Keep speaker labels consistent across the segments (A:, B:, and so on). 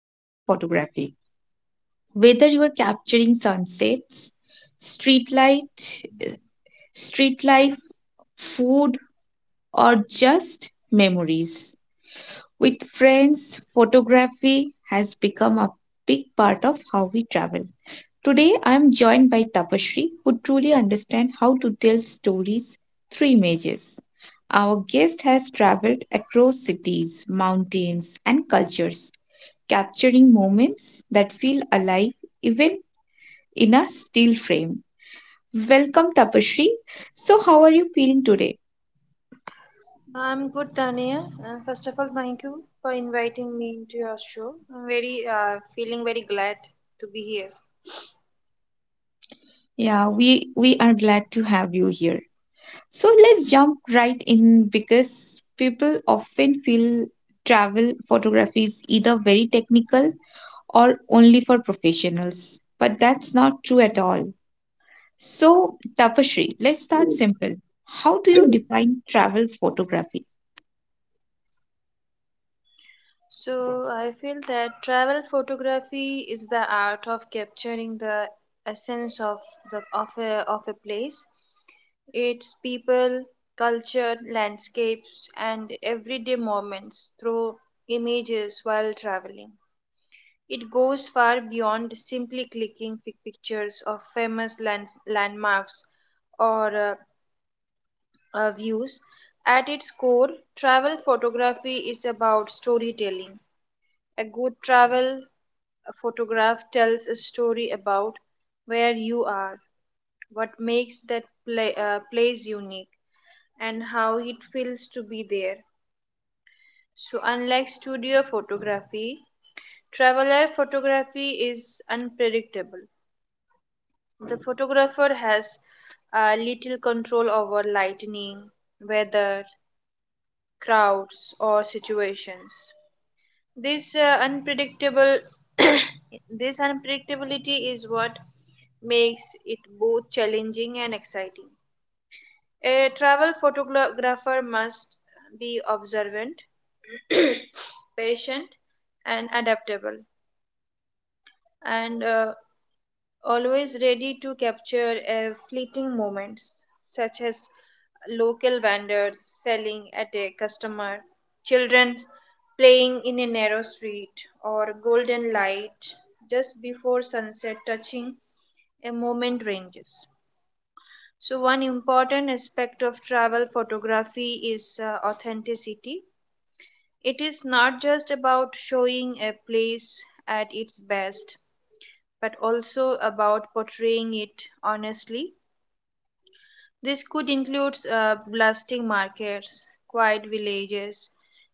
A: travel photography. Whether you are capturing sunsets, street light, street life, food, or just memories. With friends, photography has become a big part of how we travel. Today, I am joined by Tapasree, who truly understands how to tell stories through images. Our guest has traveled across cities, mountains, and cultures, capturing moments that feel alive even in a still frame. Welcome, Tapasree. So, how are you feeling today?
B: I'm good, Tania, and first of all, thank you for inviting me into your show. I'm very feeling very glad to be here.
A: Yeah, we are glad to have you here. So let's jump right in because people often feel travel photography is either very technical or only for professionals, but that's not true at all. So, Tapashri, let's start simple. How do you define travel photography?
B: So I feel that travel photography is the art of capturing the essence of the of a, of a place, its people, culture, landscapes, and everyday moments through images while traveling. It goes far beyond simply clicking pictures of famous landmarks or views. At its core, travel photography is about storytelling. A good travel photograph tells a story about where you are, what makes that place unique, and how it feels to be there. So, unlike studio photography, traveler photography is unpredictable. The photographer has little control over lightning, weather, crowds, or situations. This unpredictable this unpredictability is what makes it both challenging and exciting. A travel photographer must be observant, patient, and adaptable, and always ready to capture a fleeting moments such as local vendors selling at a customer, children playing in a narrow street, or golden light just before sunset touching a moment ranges. So, one important aspect of travel photography is authenticity. It is not just about showing a place at its best, but also about portraying it honestly. This could include blasting markets, quiet villages,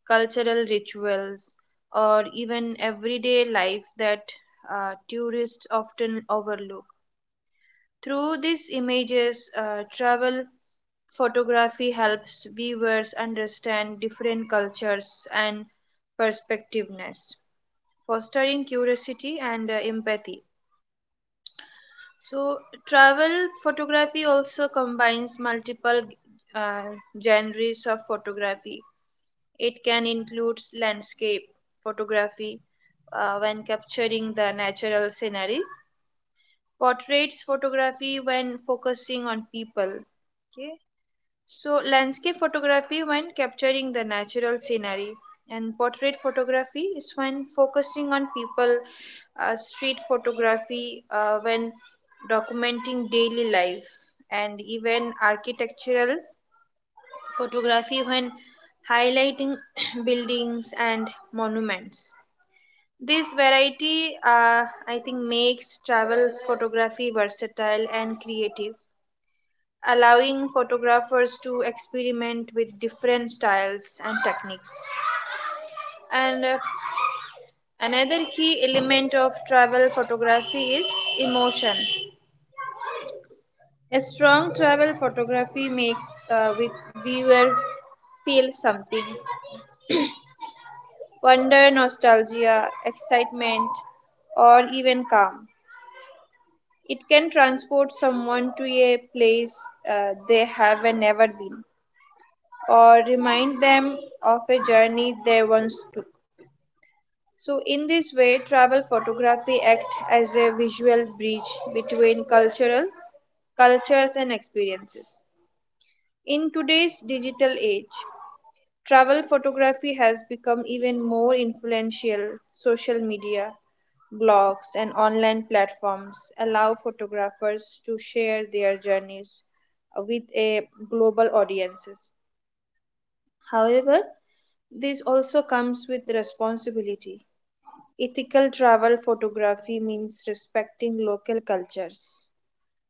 B: cultural rituals, or even everyday life that tourists often overlook. Through these images, travel photography helps viewers understand different cultures and perspectiveness, fostering curiosity and empathy. So, travel photography also combines multiple uh, genres of photography. It can include landscape photography when capturing the natural scenery, portraits photography when focusing on people. Okay, so, landscape photography when capturing the natural scenery, and portrait photography is when focusing on people, street photography when documenting daily life, and even architectural photography when highlighting buildings and monuments. This variety, I think, makes travel photography versatile and creative, allowing photographers to experiment with different styles and techniques. And Another key element of travel photography is emotion. A strong travel photography makes with viewer feel something: wonder, nostalgia, excitement, or even calm. It can transport someone to a place they have never been or remind them of a journey they once took. So, in this way, travel photography acts as a visual bridge between cultural cultures and experiences. In today's digital age, travel photography has become even more influential. Social media, blogs, and online platforms allow photographers to share their journeys with a global audiences. However, this also comes with responsibility. Ethical travel photography means respecting local cultures,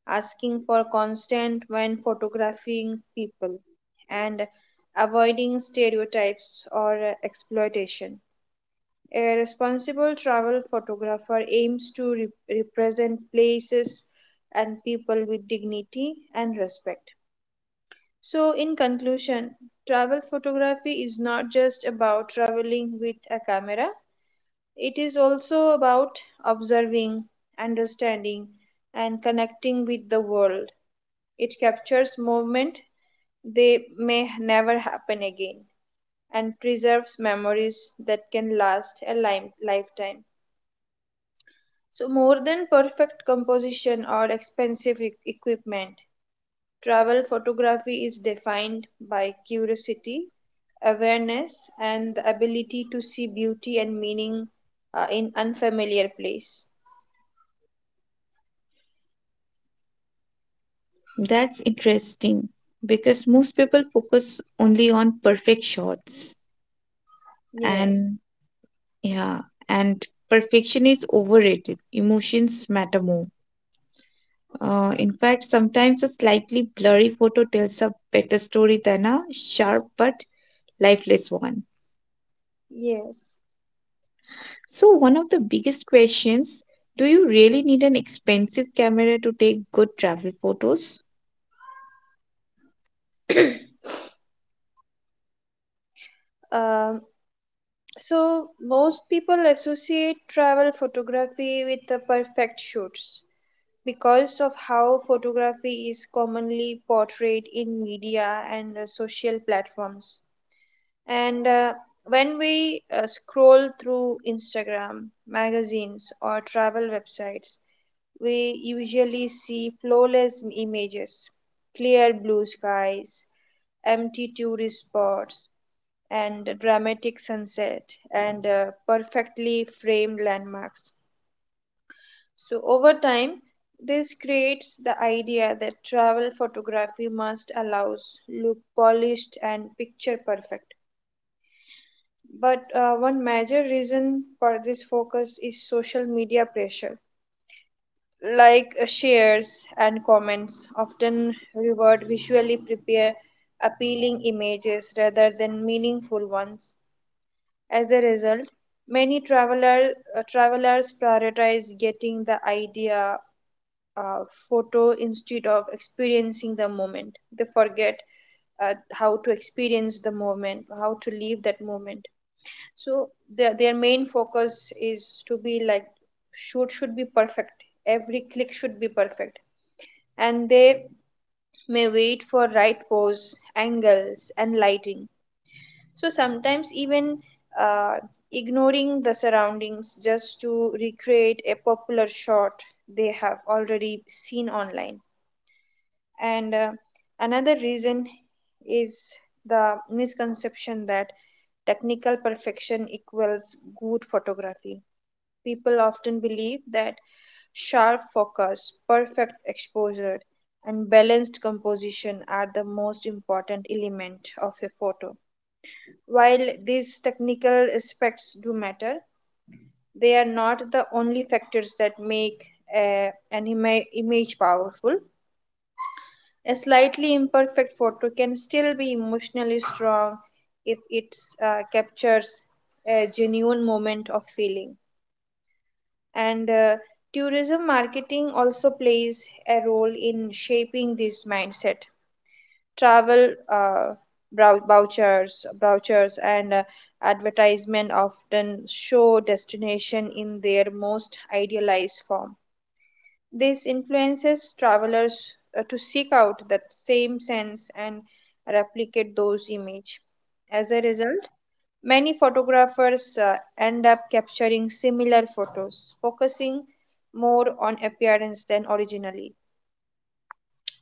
B: asking for consent when photographing people, and avoiding stereotypes or exploitation. A responsible travel photographer aims to represent places and people with dignity and respect. So, in conclusion, travel photography is not just about traveling with a camera, it is also about observing, understanding, and connecting with the world. It captures movement they may never happen again and preserves memories that can last a lifetime. So, more than perfect composition or expensive equipment, travel photography is defined by curiosity, awareness, and the ability to see beauty and meaning in unfamiliar place.
A: That's interesting because most people focus only on perfect shots
B: Yes,
A: and yeah, and perfection is overrated. Emotions matter more. In fact, sometimes a slightly blurry photo tells a better story than a sharp but lifeless one.
B: yes.
A: So, one of the biggest questions, do you really need an expensive camera to take good travel photos?
B: Um, so most people associate travel photography with the perfect shoots because of how photography is commonly portrayed in media and social platforms. And When we scroll through Instagram, magazines, or travel websites, we usually see flawless images, clear blue skies, empty tourist spots, and dramatic sunset and perfectly framed landmarks. So, over time, this creates the idea that travel photography must allows look polished and picture perfect. But one major reason for this focus is social media pressure. Like shares and comments often reward visually prepare appealing images rather than meaningful ones. As a result, many traveler, travelers prioritize getting the idea uh, photo instead of experiencing the moment. They forget how to experience the moment, how to live that moment. So their main focus is to be like shoot should be perfect. Every click should be perfect, and they may wait for right pose, angles, and lighting, so sometimes even uh, ignoring the surroundings just to recreate a popular shot they have already seen online. And Another reason is the misconception that technical perfection equals good photography. People often believe that sharp focus, perfect exposure, and balanced composition are the most important element of a photo, while these technical aspects do matter, they are not the only factors that make image powerful. A slightly imperfect photo can still be emotionally strong if it captures a genuine moment of feeling. And Tourism marketing also plays a role in shaping this mindset. Travel uh, vouchers and advertisement often show destination in their most idealized form, this influences travelers to seek out that same sense and replicate those images. As a result, many photographers end up capturing similar photos focusing more on appearance than originality,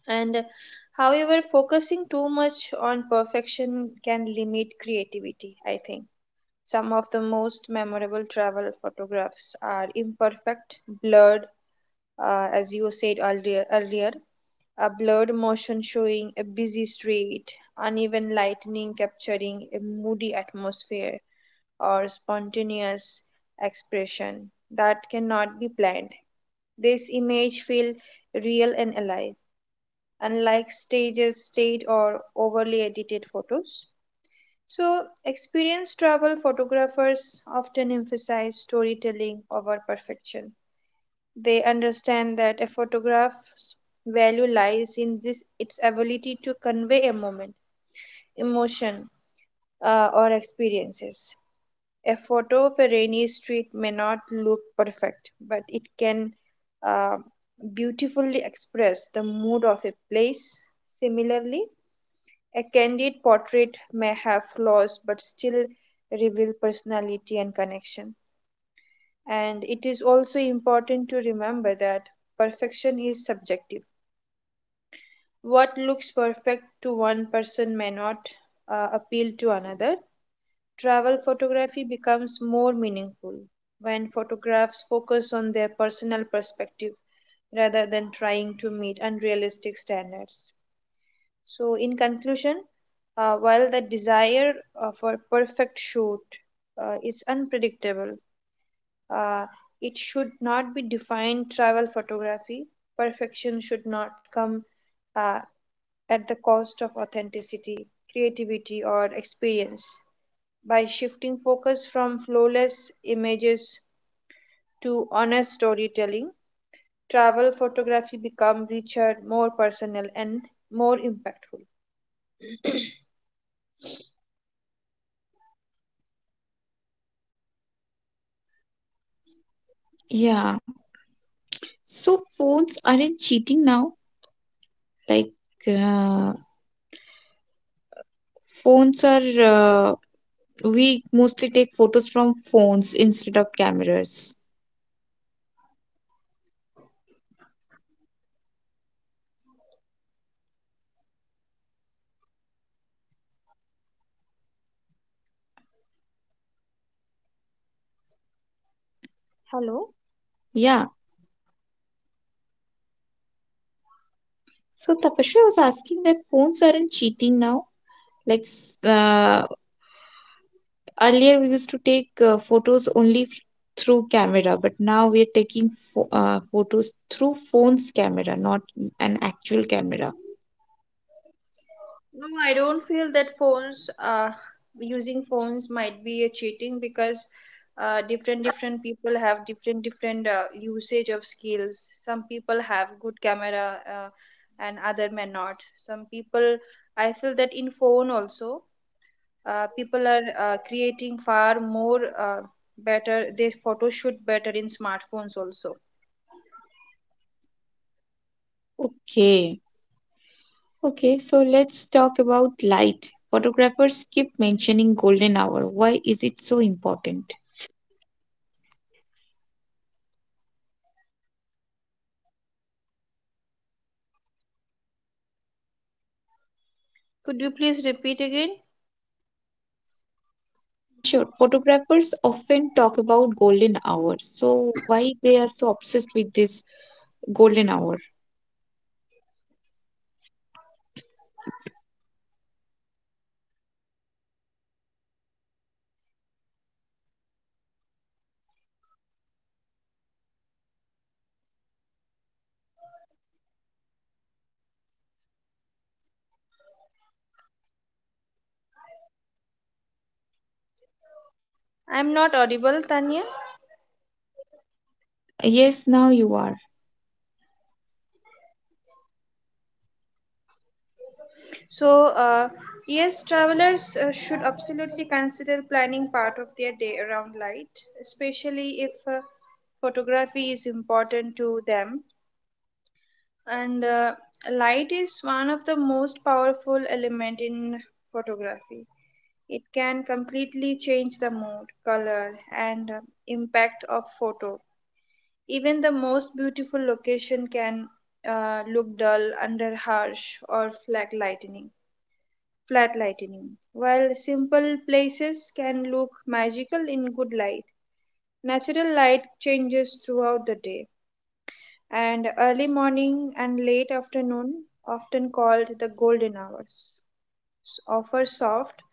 B: and however, focusing too much on perfection can limit creativity, I think. Some of the most memorable travel photographs are imperfect, blurred, as you said earlier, a blurred motion showing a busy street, uneven lightning capturing a moody atmosphere, or spontaneous expression that cannot be planned. This image feel real and alive, unlike stages, state or overly edited photos. So, experienced travel photographers often emphasize storytelling over perfection. They understand that a photograph's value lies in this its ability to convey a moment, emotion, or experiences. A photo of a rainy street may not look perfect, but it can uh, beautifully express the mood of a place. Similarly, a candid portrait may have flaws but still reveal personality and connection. And it is also important to remember that perfection is subjective. What looks perfect to one person may not appeal to another. Travel photography becomes more meaningful when photographs focus on their personal perspective rather than trying to meet unrealistic standards. So, in conclusion, while the desire for perfect shoot is unpredictable, uh, it should not be defined travel photography. Perfection should not come uh, at the cost of authenticity, creativity, or experience. By shifting focus from flawless images to honest storytelling, travel photography become richer, more personal, and more impactful.
A: Yeah. So, phones aren't cheating now. Like, uh, Phones are, we mostly take photos from phones instead of cameras.
B: Hello.
A: Yeah. So Tapasya was asking that phones aren't cheating now. Like s- uh, Earlier, we used to take photos only through camera, but now we are taking photos through phone's camera, not an actual camera.
B: No, I don't feel that phones, using phones might be a cheating because different different people have different usage of skills. Some people have good camera and other may not. Some people, I feel that in phone also, people are creating far more better. They photo shoot better in smartphones also.
A: Okay. Okay, so let's talk about light. Photographers keep mentioning golden hour. Why is it so important?
B: Could you please repeat again?
A: Yeah, sure. Photographers often talk about golden hour. So why they are so obsessed with this golden hour?
B: I'm not audible, Tanya.
A: Yes, now you are.
B: So, yes, travelers should absolutely consider planning part of their day around light, especially if photography is important to them. And Light is one of the most powerful element in photography. It can completely change the mood, color, and impact of photo. Even the most beautiful location can look dull under harsh or flag lightning flat lightning. While simple places can look magical in good light, natural light changes throughout the day, and early morning and late afternoon, often called the golden hours, offer soft,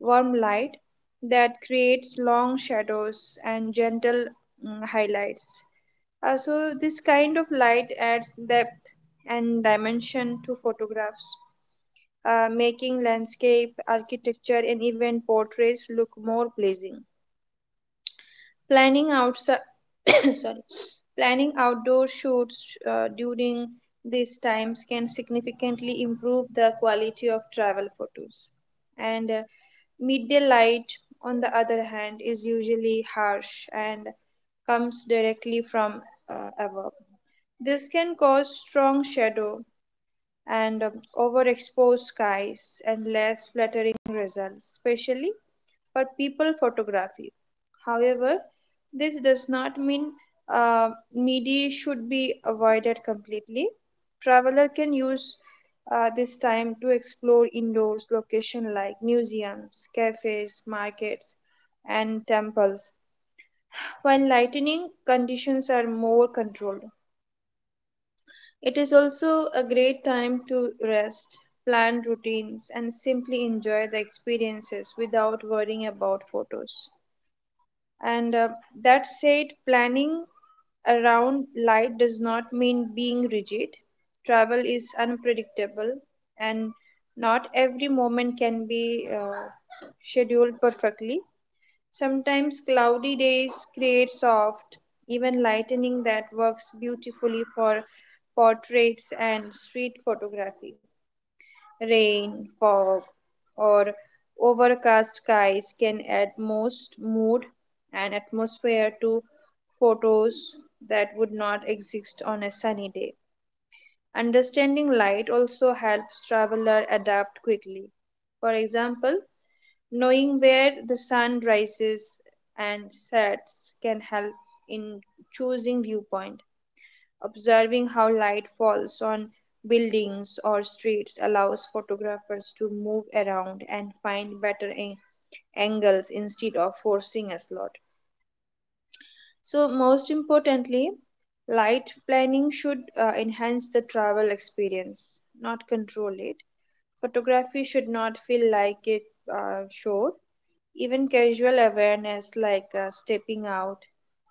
B: warm light that creates long shadows and gentle highlights. So, this kind of light adds depth and dimension to photographs, making landscape, architecture, and even portraits look more pleasing. Planning outside, sorry, planning outdoor shoots during these times can significantly improve the quality of travel photos. And Midday light, on the other hand, is usually harsh and comes directly from above. This can cause strong shadow and overexposed skies and less flattering results, especially for people photography. However, this does not mean media should be avoided completely. Traveler can use this time to explore indoors location like museums, cafes, markets, and temples. While lightning conditions are more controlled, it is also a great time to rest, plan routines, and simply enjoy the experiences without worrying about photos. And That said, planning around light does not mean being rigid. Travel is unpredictable, and not every moment can be scheduled perfectly. Sometimes cloudy days create soft, even lightening that works beautifully for portraits and street photography. Rain, fog, or overcast skies can add most mood and atmosphere to photos that would not exist on a sunny day. Understanding light also helps traveler adapt quickly. For example, knowing where the sun rises and sets can help in choosing viewpoint. Observing how light falls on buildings or streets allows photographers to move around and find better angles instead of forcing a slot. So, most importantly, light planning should enhance the travel experience, not control it. Photography should not feel like it show even casual awareness like stepping out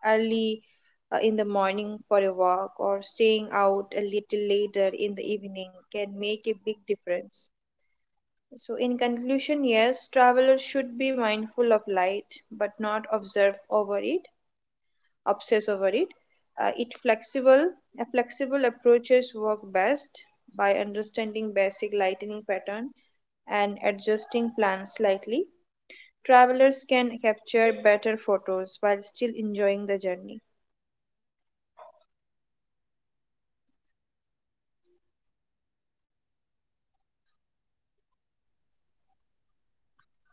B: early in the morning for a walk or staying out a little later in the evening can make a big difference. So, in conclusion, yes, travelers should be mindful of light but not observe over it, obsess over it. Uh, it flexible, a flexible approaches work best by understanding basic lighting pattern and adjusting plans slightly. Travelers can capture better photos while still enjoying the journey.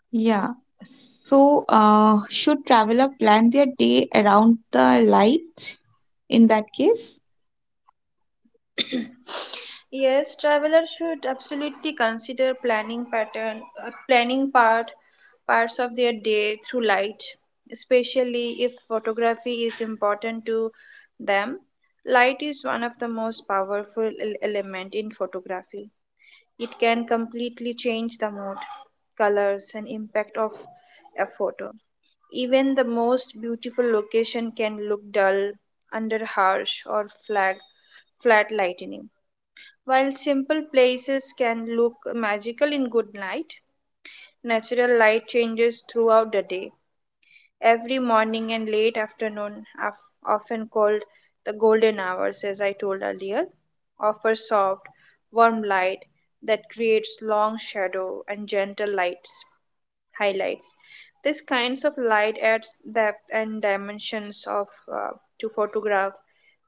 A: Yeah. So should traveler plan their day around the light in that case?
B: Yes, travelers should absolutely consider planning parts of their day through light, especially if photography is important to them. Light is one of the most powerful element in photography. It can completely change the mood, colors, and impact of a photo. Even the most beautiful location can look dull under harsh or flat lightning. While simple places can look magical in good light, natural light changes throughout the day. Every morning and late afternoon, often called the golden hours, as I told earlier, offer soft, warm light that creates long shadow and gentle lights highlights. This kinds of light adds depth and dimensions of to photograph,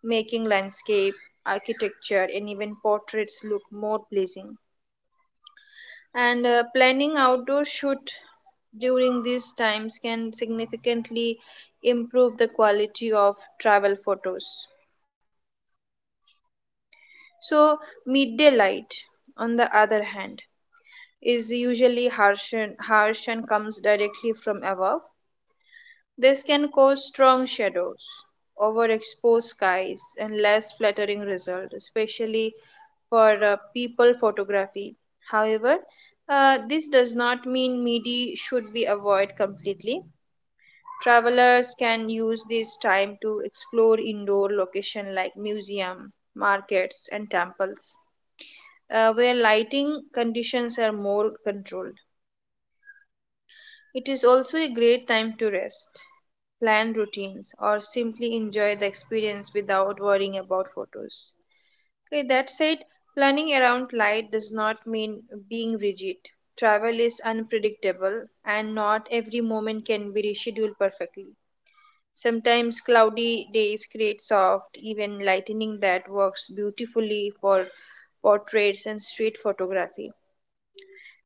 B: making landscape, architecture, and even portraits look more pleasing. And planning outdoor shoot during these times can significantly improve the quality of travel photos. So, midday light, on the other hand, is usually harsh and comes directly from above. This can cause strong shadows, overexposed skies, and less flattering result, especially for people photography. However, this does not mean MIDI should be avoided completely. Travelers can use this time to explore indoor location like museum, markets, and temples, where lighting conditions are more controlled. It is also a great time to rest, plan routines, or simply enjoy the experience without worrying about photos. Okay, that said, planning around light does not mean being rigid. Travel is unpredictable, and not every moment can be rescheduled perfectly. Sometimes cloudy days create soft, even lightning that works beautifully for portraits and street photography,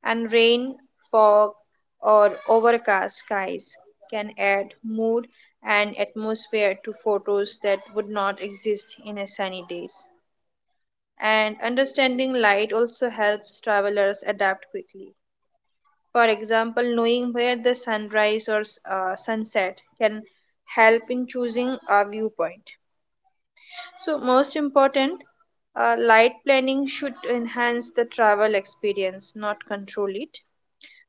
B: and rain, fog, or overcast skies can add mood and atmosphere to photos that would not exist in a sunny days. And understanding light also helps travelers adapt quickly. For example, knowing where the sunrise or sunset can help in choosing a viewpoint. So, most important, light planning should enhance the travel experience, not control it.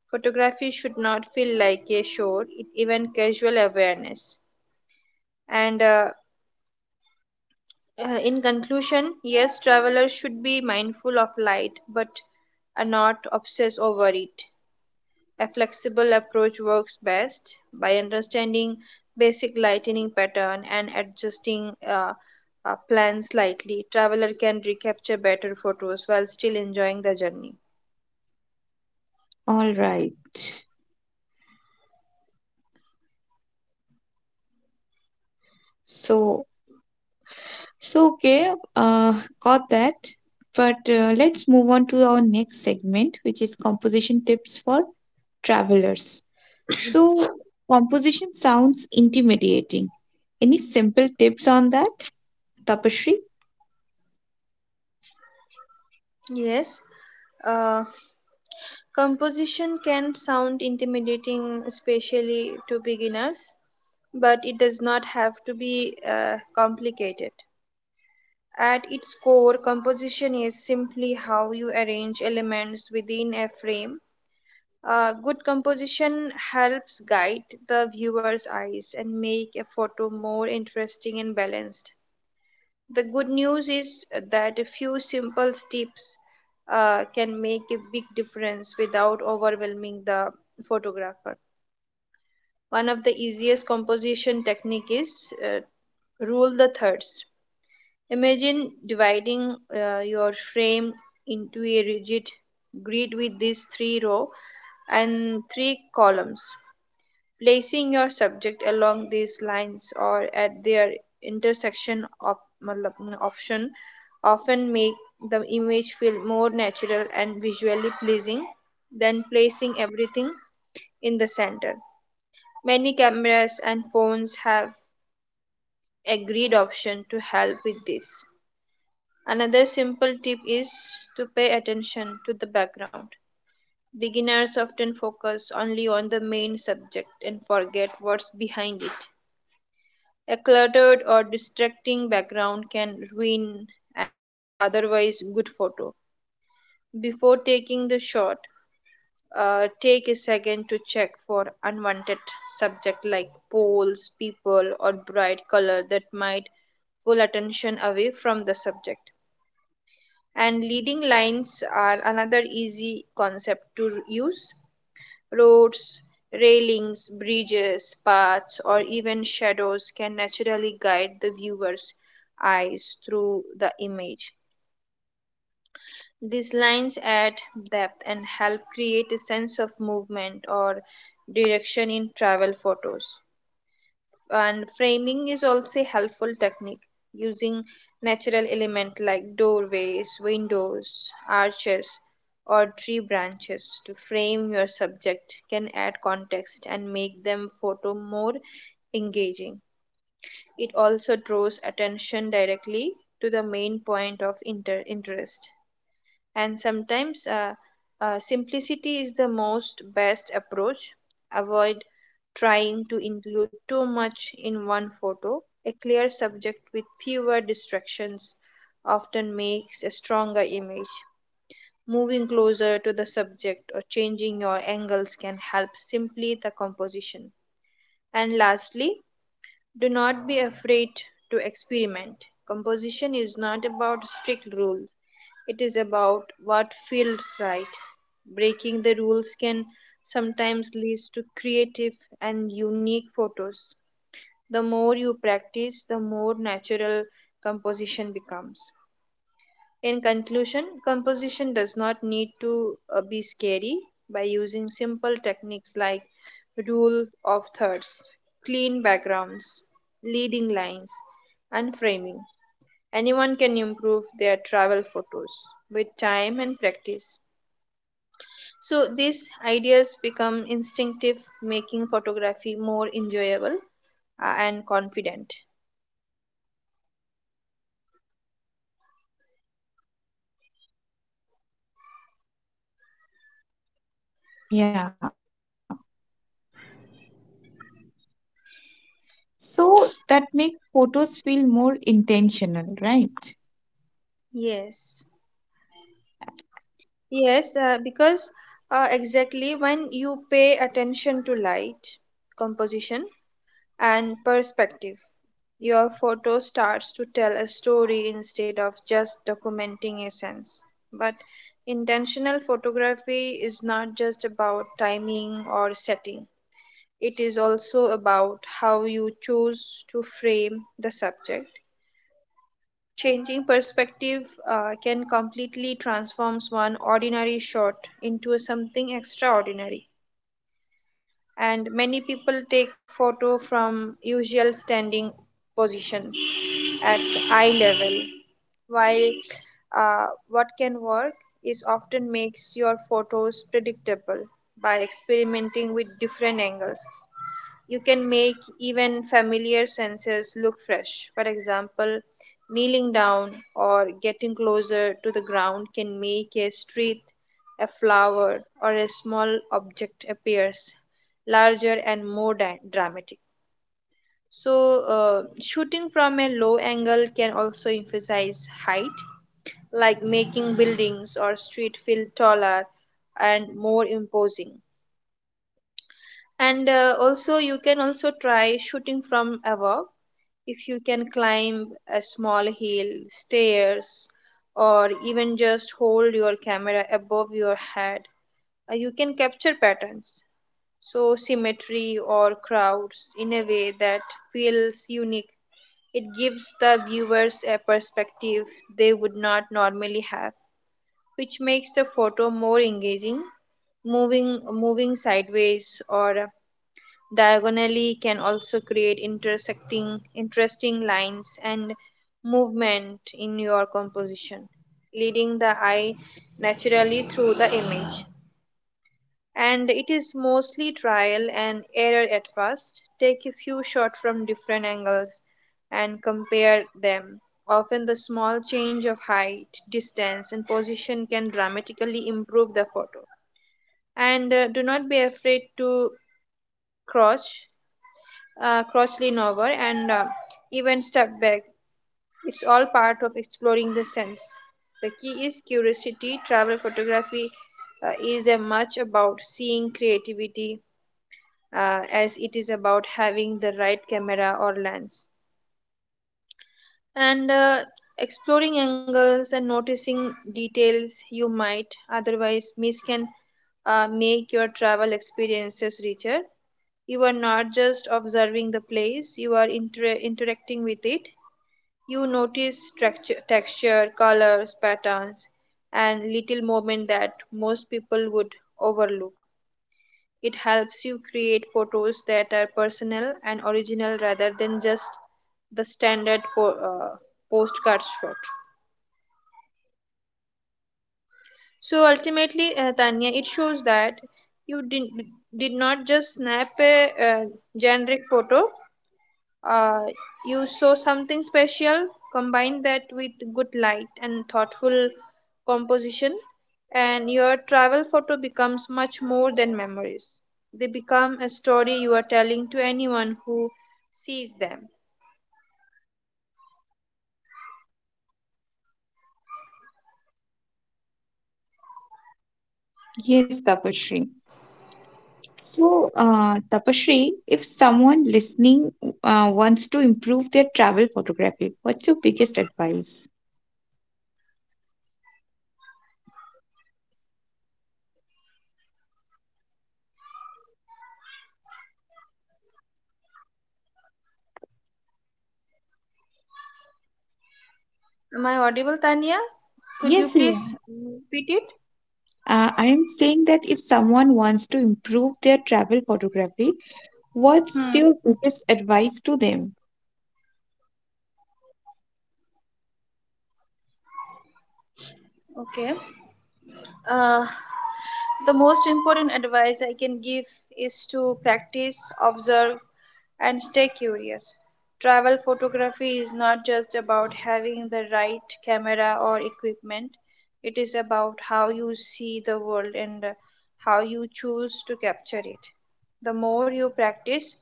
B: Photography should not feel like a show, it even casual awareness. And in conclusion, yes, travelers should be mindful of light, but are not obsessed over it. A flexible approach works best by understanding basic lightning pattern and adjusting plans slightly. Traveler can recapture better photos while still enjoying the journey.
A: All right. So So got that. But let's move on to our next segment, which is composition tips for travelers. So, composition sounds intimidating. Any simple tips on that, Tapashri?
B: Yes, uh, Composition can sound intimidating, especially to beginners, but it does not have to be complicated. At its core, composition is simply how you arrange elements within a frame. Good composition helps guide the viewer's eyes and make a photo more interesting and balanced. The good news is that a few simple tips can make a big difference without overwhelming the photographer. One of the easiest composition technique is rule the thirds. Imagine dividing your frame into a rigid grid with these three rows and three columns, placing your subject along these lines or at their intersection of option often make the image feel more natural and visually pleasing than placing everything in the center. Many cameras and phones have a grid option to help with this. Another simple tip is to pay attention to the background. Beginners often focus only on the main subject and forget what's behind it. A cluttered or distracting background can ruin an otherwise good photo. Before taking the shot, take a second to check for unwanted subject like poles, people, or bright color that might pull attention away from the subject. And leading lines are another easy concept to use. Roads, railings, bridges, paths, or even shadows can naturally guide the viewer's eyes through the image. These lines add depth and help create a sense of movement or direction in travel photos, and framing is also a helpful technique. Using natural element like doorways, windows, arches, or tree branches to frame your subject can add context and make them photo more engaging. It also draws attention directly to the main point of interest. And sometimes simplicity is the most best approach. Avoid trying to include too much in one photo. A clear subject with fewer distractions often makes a stronger image. Moving closer to the subject or changing your angles can help simply the composition. And lastly, do not be afraid to experiment. Composition is not about strict rules, it is about what feels right. Breaking the rules can sometimes lead to creative and unique photos. The more you practice, the more natural composition becomes. In conclusion, composition does not need to be scary. By using simple techniques like rule of thirds, clean backgrounds, leading lines, and framing. Anyone can improve their travel photos with time and practice. So these ideas become instinctive, making photography more enjoyable and confident.
A: Yeah. So that makes photos feel more intentional, right?
B: Yes. Yes, because exactly when you pay attention to light, composition, and perspective, your photo starts to tell a story instead of just documenting essence. But intentional photography is not just about timing or setting, it is also about how you choose to frame the subject. Changing perspective can completely transforms one ordinary shot into a something extraordinary. And many people take photo from usual standing position at eye level, while what can work is often makes your photos predictable. By experimenting with different angles, you can make even familiar senses look fresh. For example, kneeling down or getting closer to the ground can make a street, a flower, or a small object appears larger and more dramatic. So, shooting from a low angle can also emphasize height, like making buildings or street feel taller and more imposing. You can also try shooting from above. If you can climb a small hill, stairs, or even just hold your camera above your head, you can capture patterns, so symmetry or crowds in a way that feels unique. It gives the viewers a perspective they would not normally have, which makes the photo more engaging. Moving sideways or diagonally can also create intersecting interesting lines and movement in your composition, leading the eye naturally through the image. And it is mostly trial and error at first. Take a few shots from different angles and compare them. Often the small change of height, distance, and position can dramatically improve the photo. And do not be afraid to crouch Krochlinover, and even step back. It's all part of exploring the sense. The key is curiosity. Travel photography is as much about seeing creativity as it is about having the right camera or lens. And exploring angles and noticing details you might otherwise miss can make your travel experiences richer. You are not just observing the place, you are interacting with it. You notice structure, texture, colors, patterns, and little moments that most people would overlook. It helps you create photos that are personal and original rather than just the standard postcard shot. So ultimately, Tanya, it shows that you did not just snap a generic photo. uh, you saw something special. Combine that with good light and thoughtful composition, and your travel photo becomes much more than memories. They become a story you are telling to anyone who sees them.
A: Yes, Tapashri. So, Tapashri, if someone listening wants to improve their travel photography, what's your biggest advice?
B: Am I audible, Tanya? Could you
A: Yes,
B: please
A: Sriya.
B: repeat it?
A: I am saying that if someone wants to improve their travel photography,
B: Hmm.
A: what's your biggest advice to them?
B: Okay. Uh, the most important advice I can give is to practice, observe, and stay curious. Travel photography is not just about having the right camera or equipment, it is about how you see the world and how you choose to capture it. The more you practice,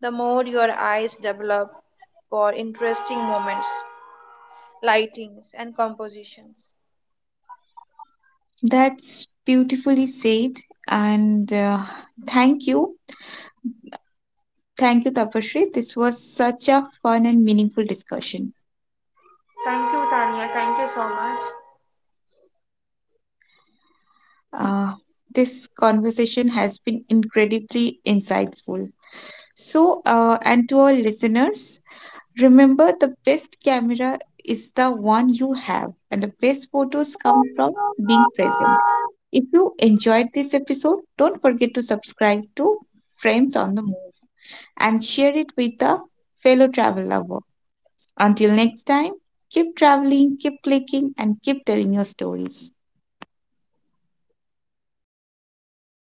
B: the more your eyes develop for interesting moments, lightings, and compositions.
A: That's beautifully said. And thank you. Thank you, Tapasree. This was such a fun and meaningful discussion.
B: Thank you, Tanya. Thank you so much.
A: Uh, this conversation has been incredibly insightful. So, and to our listeners, remember, the best camera is the one you have, and the best photos come from being present. If you enjoyed this episode, don't forget to subscribe to Frames on the Move and share it with a fellow travel lover. Until next time, keep traveling, keep clicking, and keep telling your stories.